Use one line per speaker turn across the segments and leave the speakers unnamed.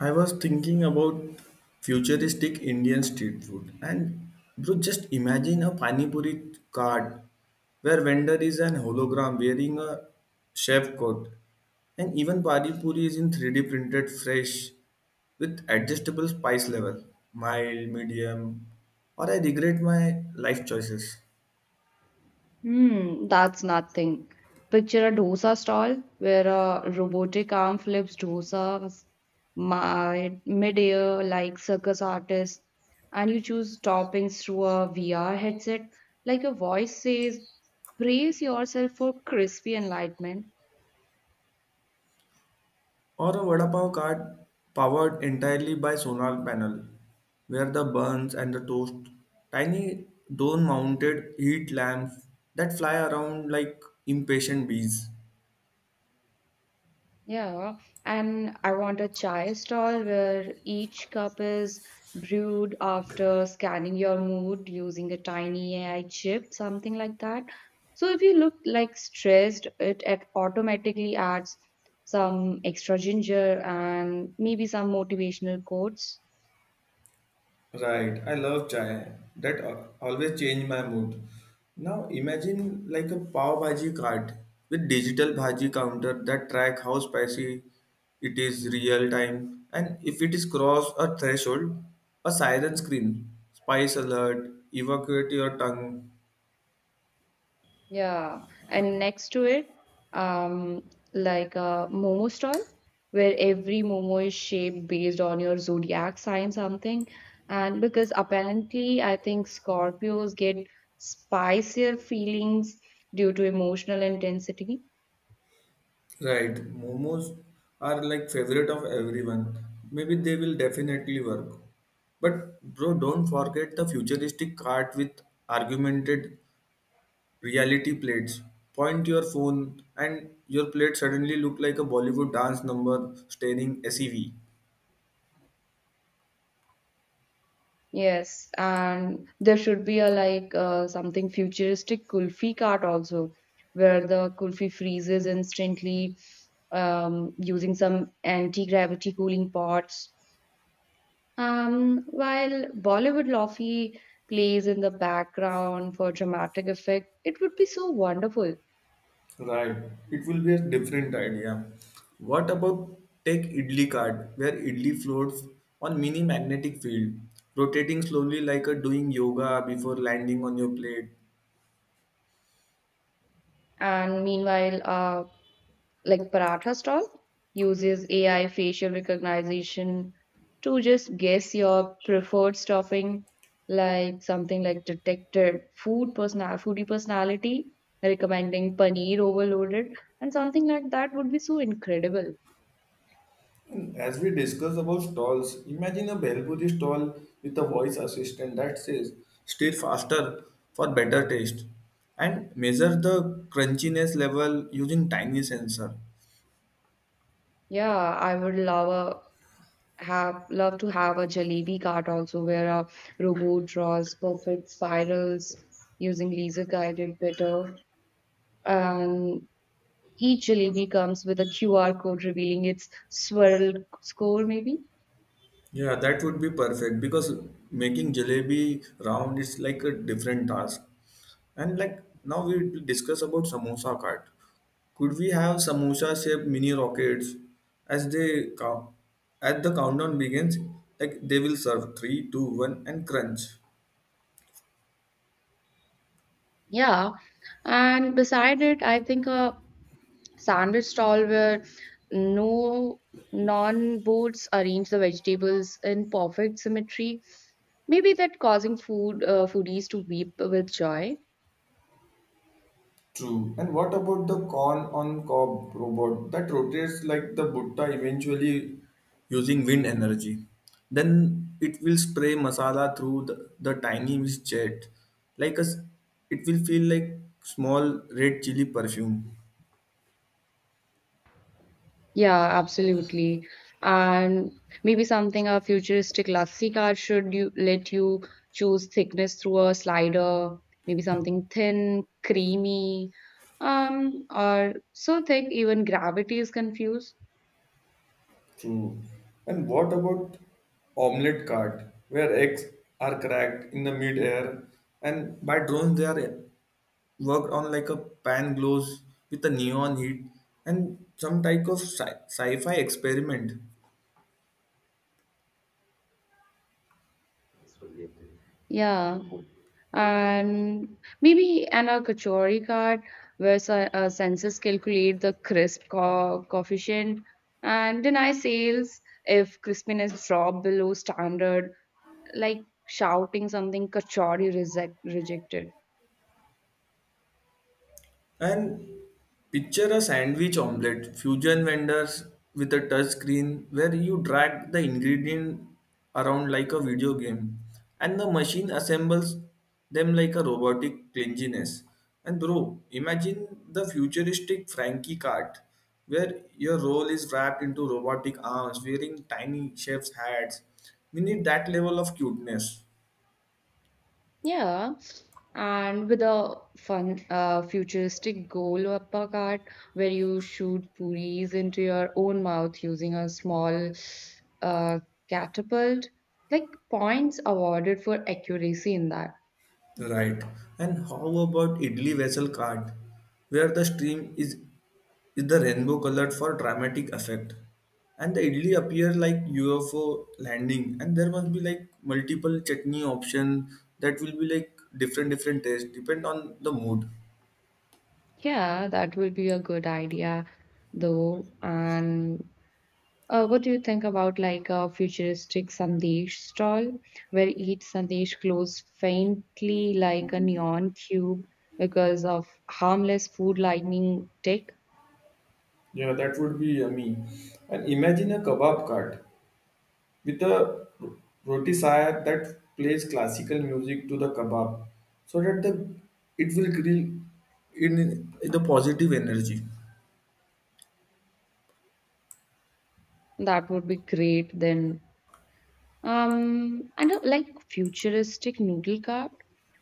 I was thinking about futuristic Indian street food, and bro, just imagine a pani puri cart where vendor is an hologram wearing a chef coat, and even pani puri is in 3D printed fresh with adjustable spice level, mild, medium, or I regret my life choices.
Hmm, that's nothing. Picture a dosa stall where a robotic arm flips dosas mid-air like circus artists, and you choose toppings through a VR headset. Like a voice says, "Brace yourself for crispy enlightenment."
Or a vada pav cart powered entirely by solar panel, where the buns and the toast, tiny dome mounted heat lamps that fly around like impatient bees.
Yeah, and I want a chai stall where each cup is brewed after scanning your mood using a tiny AI chip, something like that. So if you look like stressed, it automatically adds some extra ginger and maybe some motivational quotes.
Right, I love chai. That always change my mood. Now imagine like a pav bhaji cart with digital bhaji counter that track how spicy it is real time, and if it is crossed a threshold, a siren screen, spice alert, evacuate your tongue.
Yeah, and next to it, um, like a momo stall where every momo is shaped based on your zodiac sign something. And because apparently, I think Scorpios get spicier feelings due to emotional intensity.
Right, momos are like favorite of everyone. Maybe they will definitely work. But bro, don't forget the futuristic cart with argumented reality plates, point your phone and your plate suddenly look like a Bollywood dance number staring sev.
Yes, and there should be a like something futuristic kulfi cart also, where the kulfi freezes instantly, using some anti-gravity cooling pots. While Bollywood Lofi plays in the background for dramatic effect, it would be so wonderful.
Right, it will be a different idea. What about take idli card where idli floats on mini magnetic field, rotating slowly like a doing yoga before landing on your plate.
And meanwhile, like Paratha Stall uses AI facial recognition to just guess your preferred stuffing, like something like detected food personal foodie personality recommending paneer overloaded, and something like that would be so incredible.
As we discuss about stalls, imagine a Bhelpuri stall with a voice assistant that says, stir faster for better taste, and measure the crunchiness level using tiny sensor.
Yeah, I would love have love to have a jalebi cart also where a robot draws perfect spirals using laser guided better, and each jalebi comes with a qr code revealing its swirl score maybe.
Yeah, that would be perfect because making jalebi round is like a different task. And like now we will discuss about samosa cart. Could we have samosa shaped mini rockets as they count? As the countdown begins, like they will serve three, two, one, and crunch.
Yeah, and beside it I think a sandwich stall where no non boards arrange the vegetables in perfect symmetry, maybe that causing food foodies to weep with joy.
True. And what about the con on cob robot that rotates like the butta eventually using wind energy? Then it will spray masala through the tiny mist jet. Like a, it will feel like small red chili perfume.
Yeah, absolutely. And maybe something a futuristic Lassi card should you let you choose thickness through a slider, maybe something thin, creamy, or so thick even gravity is confused.
True. And what about omelette cart where eggs are cracked in the mid air and by drones they are worked on, like a pan glows with a neon heat and some type of sci-fi experiment.
Yeah. And maybe an a Kachori card where sensors calculate the coefficient and deny sales if crispiness drop below standard, like shouting something Kachori reject, rejected.
And picture a sandwich omelette, fusion vendors with a touch screen where you drag the ingredient around like a video game, and the machine assembles them like a robotic cleanliness. And bro, imagine the futuristic Frankie cart where your role is wrapped into robotic arms wearing tiny chef's hats. We need that level of cuteness.
Yeah, and with a fun futuristic goal uppercut where you shoot puris into your own mouth using a small, uh, catapult, like points awarded for accuracy in that.
Right. And how about Idli vessel card, where the stream is the rainbow colored for dramatic effect, and the idli appear like UFO landing, and there must be like multiple chutney option that will be like different different taste depend on the mood.
Yeah, that will be a good idea though, and, uh, what do you think about like a futuristic sandesh stall where each sandesh glows faintly like a neon cube because of harmless food lightning tech?
Yeah, that would be yummy. And imagine a kebab cart with a ro- rotisserie that plays classical music to the kebab so that the it will grill in the positive energy.
That would be great then. And a, like futuristic noodle cart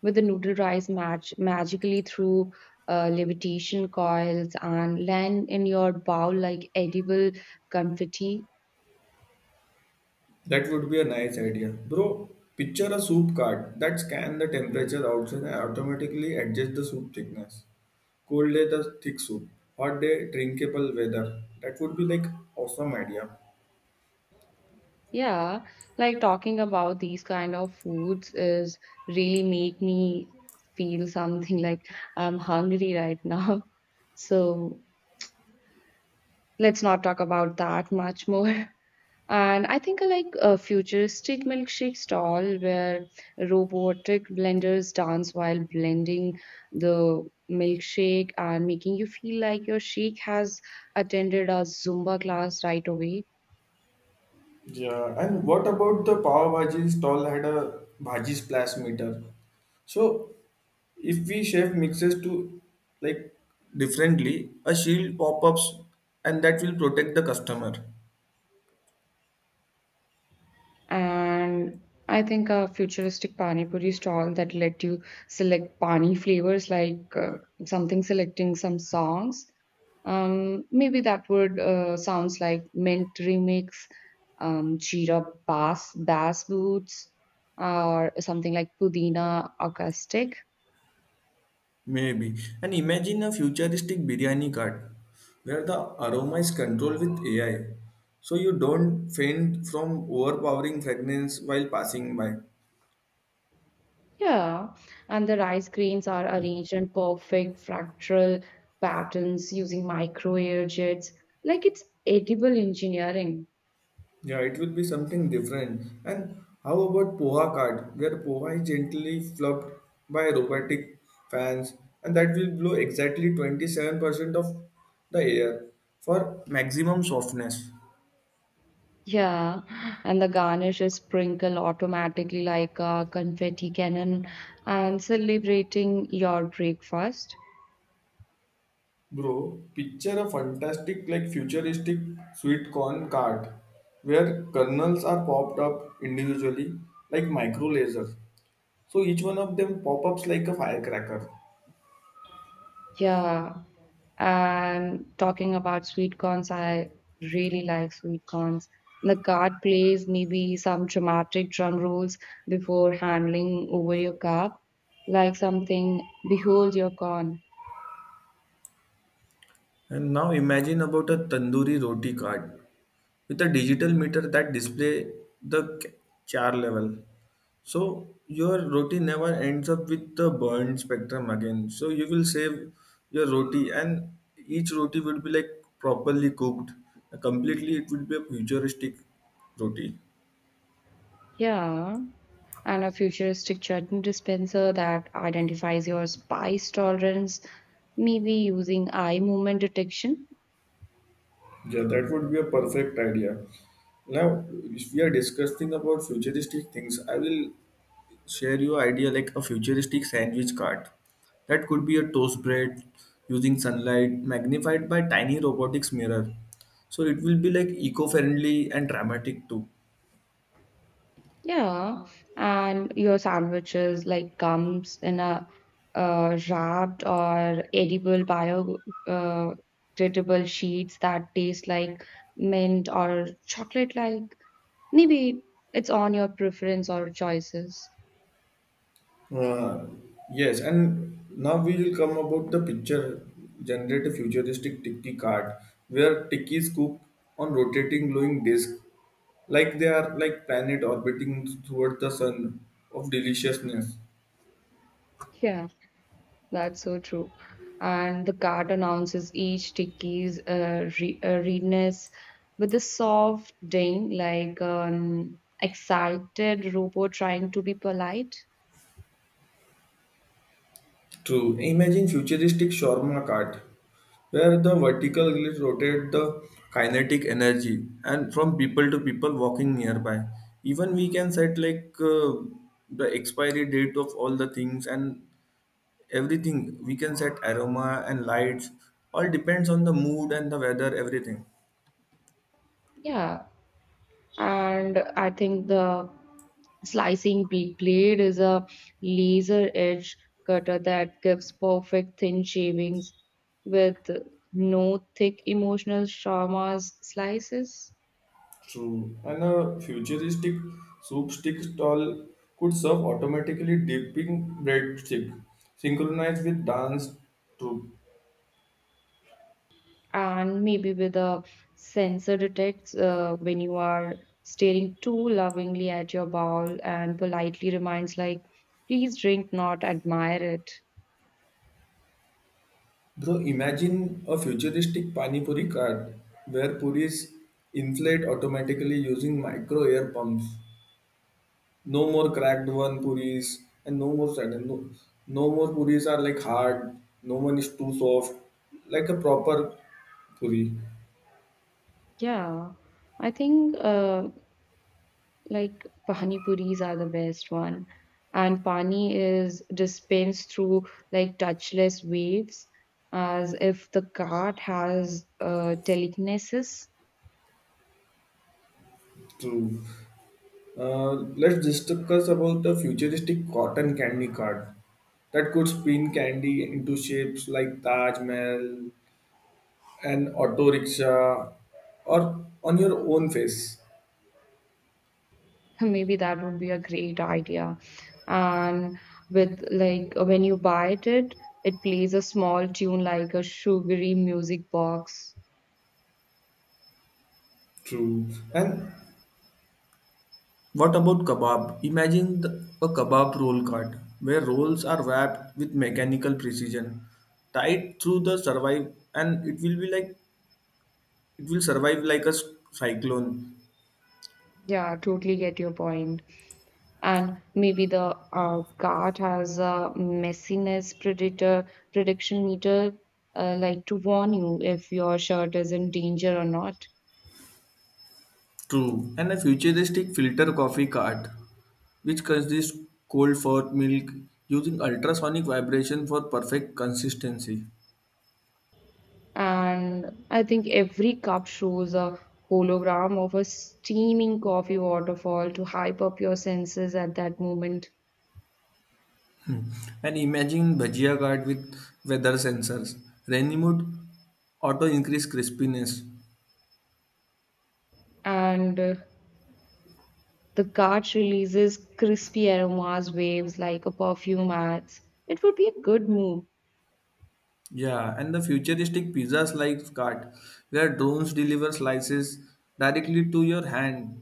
with the noodle rice match magically through, levitation coils and land in your bowl like edible confetti.
That would be a nice idea, bro. Picture a soup card that scan the temperature outside and automatically adjust the soup thickness, cold day the thick soup, hot day drinkable weather. That would be like awesome idea.
Yeah, like talking about these kind of foods is really make me feel something like I'm hungry right now. So let's not talk about that much more. And I think I like a futuristic milkshake stall where robotic blenders dance while blending the milkshake and making you feel like your shake has attended a Zumba class right away.
Yeah, and what about the pav bhaji stall had a bhaji splash meter? So if we chef mixes to like differently, a shield pop-ups, and that will protect the customer.
And I think a futuristic pani puri stall that let you select pani flavors, like something selecting some songs. Maybe that would sounds like mint remix, jeera bass boots, or something like pudina acoustic.
Maybe. And imagine a futuristic biryani cart where the aroma is controlled with AI. So you don't faint from overpowering fragrance while passing by.
Yeah, and the rice grains are arranged in perfect fractal patterns using micro air jets, like it's edible engineering.
Yeah, it will be something different. And how about Poha card, where Poha is gently fluffed by robotic fans, and that will blow exactly 27% of the air for maximum softness.
Yeah, and the garnish is sprinkled automatically like a confetti cannon and celebrating your breakfast.
Bro, picture a fantastic, like futuristic sweet corn card where kernels are popped up individually like micro lasers. So each one of them pop ups like a firecracker.
Yeah, and talking about sweet corns, I really like sweet corns. The guard plays maybe some dramatic drum rolls before handling over your cup, like something, behold your corn.
And now imagine about a tandoori roti card with a digital meter that display the char level. So your roti never ends up with the burned spectrum again. So you will save your roti, and each roti will be like properly cooked. Completely, it will be a futuristic roti.
Yeah, and a futuristic chutney dispenser that identifies your spice tolerance, maybe using eye movement detection.
Yeah, that would be a perfect idea. Now, if we are discussing about futuristic things, I will share your idea like a futuristic sandwich cart that could be a toast bread using sunlight magnified by tiny robotics mirror, so it will be like eco-friendly and dramatic too.
Yeah, and your sandwiches like comes in a, wrapped or edible bio, uh, biodegradable sheets that taste like mint or chocolate like. Maybe it's on your preference or choices.
Uh, yes, and now we will come about the picture generate a futuristic Tiki card where Tikis cook on rotating glowing disc, like they are like planet orbiting toward the sun of deliciousness.
Yeah. That's so true. And the card announces each ticket's re readiness with a soft ding, like an excited robot trying to be polite.
True. Imagine futuristic shawarma cart, where the vertical grid rotates the kinetic energy and from people to people walking nearby. Even we can set like the expiry date of all the things and everything. We can set aroma and lights. All depends on the mood and the weather, everything.
Yeah. And I think the slicing blade is a laser edge cutter that gives perfect thin shavings with no thick emotional trauma's slices.
True. And a futuristic soup stick stall could serve automatically dipping breadstick synchronized with dance troupe.
And maybe with a sensor detects when you are staring too lovingly at your bowl and politely reminds like please drink not admire it.
Bro, imagine a futuristic pani puri cart where puris inflate automatically using micro air pumps. No more cracked one puris and no more sudden. No, no more puris are like hard. No one is too soft. Like a proper puri.
Yeah, I think, like pani puris are the best one, and pani is dispensed through like touchless waves as if the cart has, telekinesis.
True. Uh, let's discuss about the futuristic cotton candy cart that could spin candy into shapes like Taj Mahal, an auto rickshaw, or on your own face.
Maybe that would be a great idea. And with like when you buy it, it plays a small tune like a sugary music box.
True. And what about kebab? Imagine the, a kebab roll cart where rolls are wrapped with mechanical precision, tied through the survive, and it will be like it will survive like a cyclone.
Yeah, totally get your point. And maybe the cart has a messiness predator prediction meter, like to warn you if your shirt is in danger or not.
True. And a futuristic filter coffee cart, which consists cold for milk using ultrasonic vibration for perfect consistency.
And I think every cup shows a hologram of a steaming coffee waterfall to hype up your senses at that moment.
And imagine bhajia cart with weather sensors, rainy mood, auto increase crispiness.
And the cart releases crispy aromas, waves like a perfume ads. It would be a good move.
Yeah, and the futuristic pizzas like cart, where drones deliver slices directly to your hand.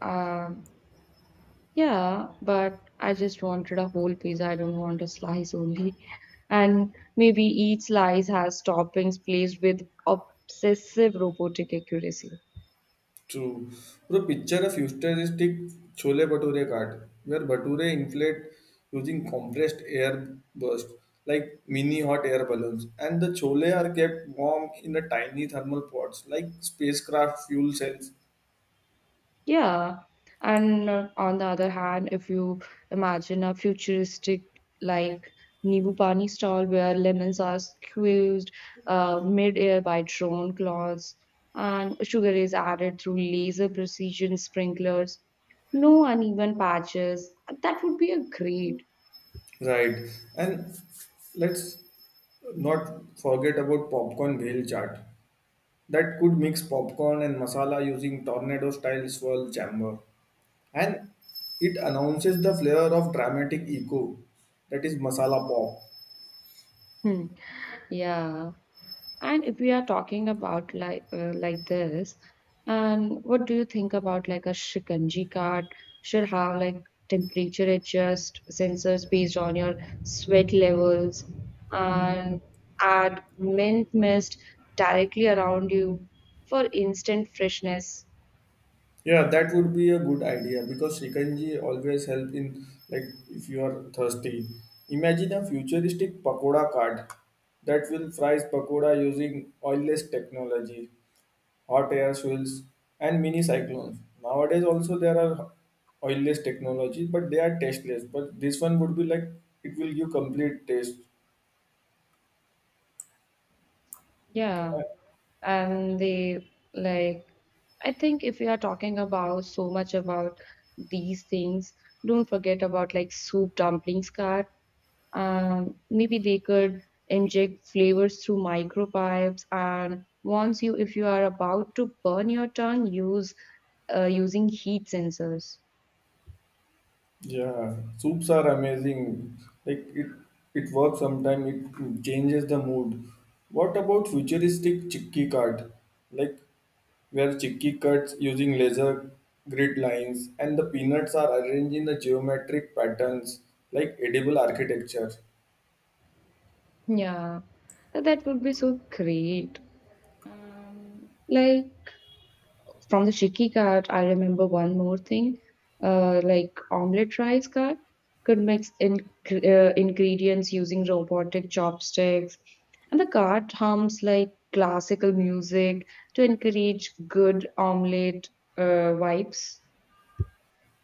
Um, yeah, but I just wanted a whole pizza. I don't want a slice only. And maybe each slice has toppings placed with obsessive robotic accuracy.
True. Bro, picture a futuristic chole bhature cart, where bhature inflate using compressed air burst, like mini hot air balloons, and the chole are kept warm in the tiny thermal pots, like spacecraft fuel cells.
Yeah. And, on the other hand, if you imagine a futuristic like Nibu Pani stall where lemons are squeezed, mid-air by drone claws, and sugar is added through laser precision sprinklers, no uneven patches, that would be a great.
Right. And let's not forget about popcorn bhel chaat. That could mix popcorn and masala using tornado style swirl chamber. And it announces the flavor of dramatic echo, that is masala pop.
Hmm. Yeah. And if we are talking about like this, and what do you think about like a Shikanji card should have like temperature adjust sensors based on your sweat levels and add mint mist directly around you for instant freshness.
Yeah, that would be a good idea because Shikanji always help in like if you are thirsty. Imagine a futuristic pakoda cart that will fries pakoda using oilless technology, hot air swells, and mini cyclones. Nowadays, also there are oilless technologies, but they are tasteless. But this one would be like it will give complete taste.
Yeah,
Uh,
and they like I think if we are talking about so much about these things, don't forget about like soup dumplings card. Maybe they could inject flavors through micropipes and warns you if you are about to burn your tongue use, using heat sensors.
Yeah, soups are amazing. Like it works sometimes. It changes the mood. What about futuristic chickpea cart? Like where chickpea cuts using laser grid lines and the peanuts are arranged in the geometric patterns like edible architecture.
Yeah, that would be so great. Like from the Chicky cart, I remember one more thing, like omelette rice card. Could mix in, ingredients using robotic chopsticks, and the card hums like classical music to encourage good omelette vibes.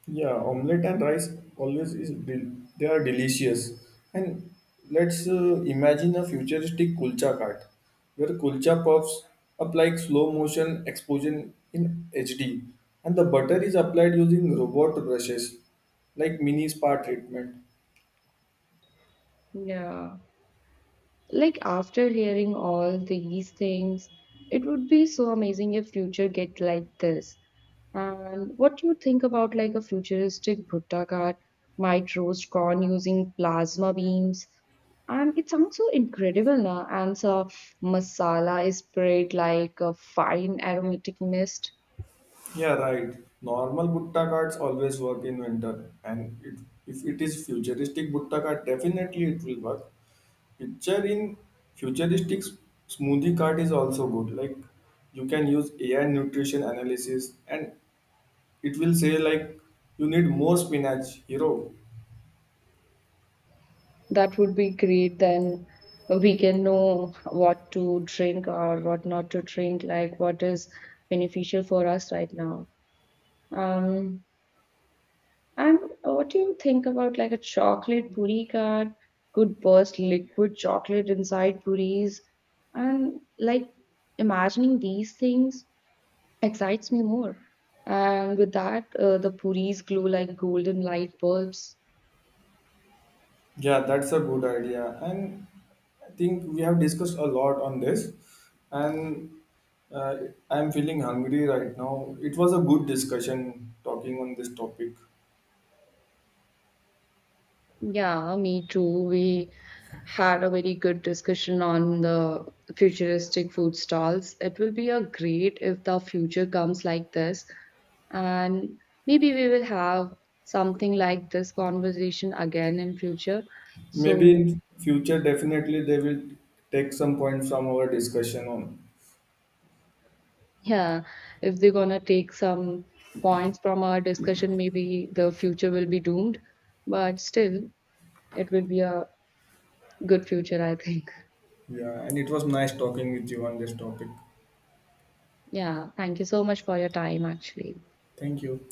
Yeah, omelette and rice always they are delicious. And let's imagine a futuristic kulcha cart where kulcha puffs apply slow motion exposure in HD, and the butter is applied using robot brushes like mini spa treatment.
Yeah. Like after hearing all these things, it would be so amazing if future get like this. And what do you think about like a futuristic Bhutta cart might roast corn using plasma beams? And it sounds so incredible now. And so masala is spread like a fine aromatic mist.
Yeah, right. Normal butta carts always work in winter, and it, if it is futuristic butta cart, definitely it will work. Picture in futuristic smoothie cart is also good. Like you can use AI nutrition analysis and it will say like you need more spinach, hero.
That would be great. Then we can know what to drink or what not to drink, like what is beneficial for us right now. Um, and what do you think about like a chocolate puri card could burst liquid chocolate inside puris? And like imagining these things excites me more. And with that, the puris glow like golden light bulbs.
Yeah, that's a good idea. And I think we have discussed a lot on this. And uh, I'm feeling hungry right now. It was a good discussion talking on this topic.
Yeah, me too. We had a very good discussion on the futuristic food stalls. It will be a great if the future comes like this, and maybe we will have something like this conversation again in future.
Maybe
So,
in future, definitely they will take some point from our discussion on.
yeah, if they're gonna take some points from our discussion, maybe the future will be doomed, but still, it will be a good future, I think.
Yeah, and it was nice talking with you on this topic.
Yeah, thank you so much for your time, actually.
Thank you.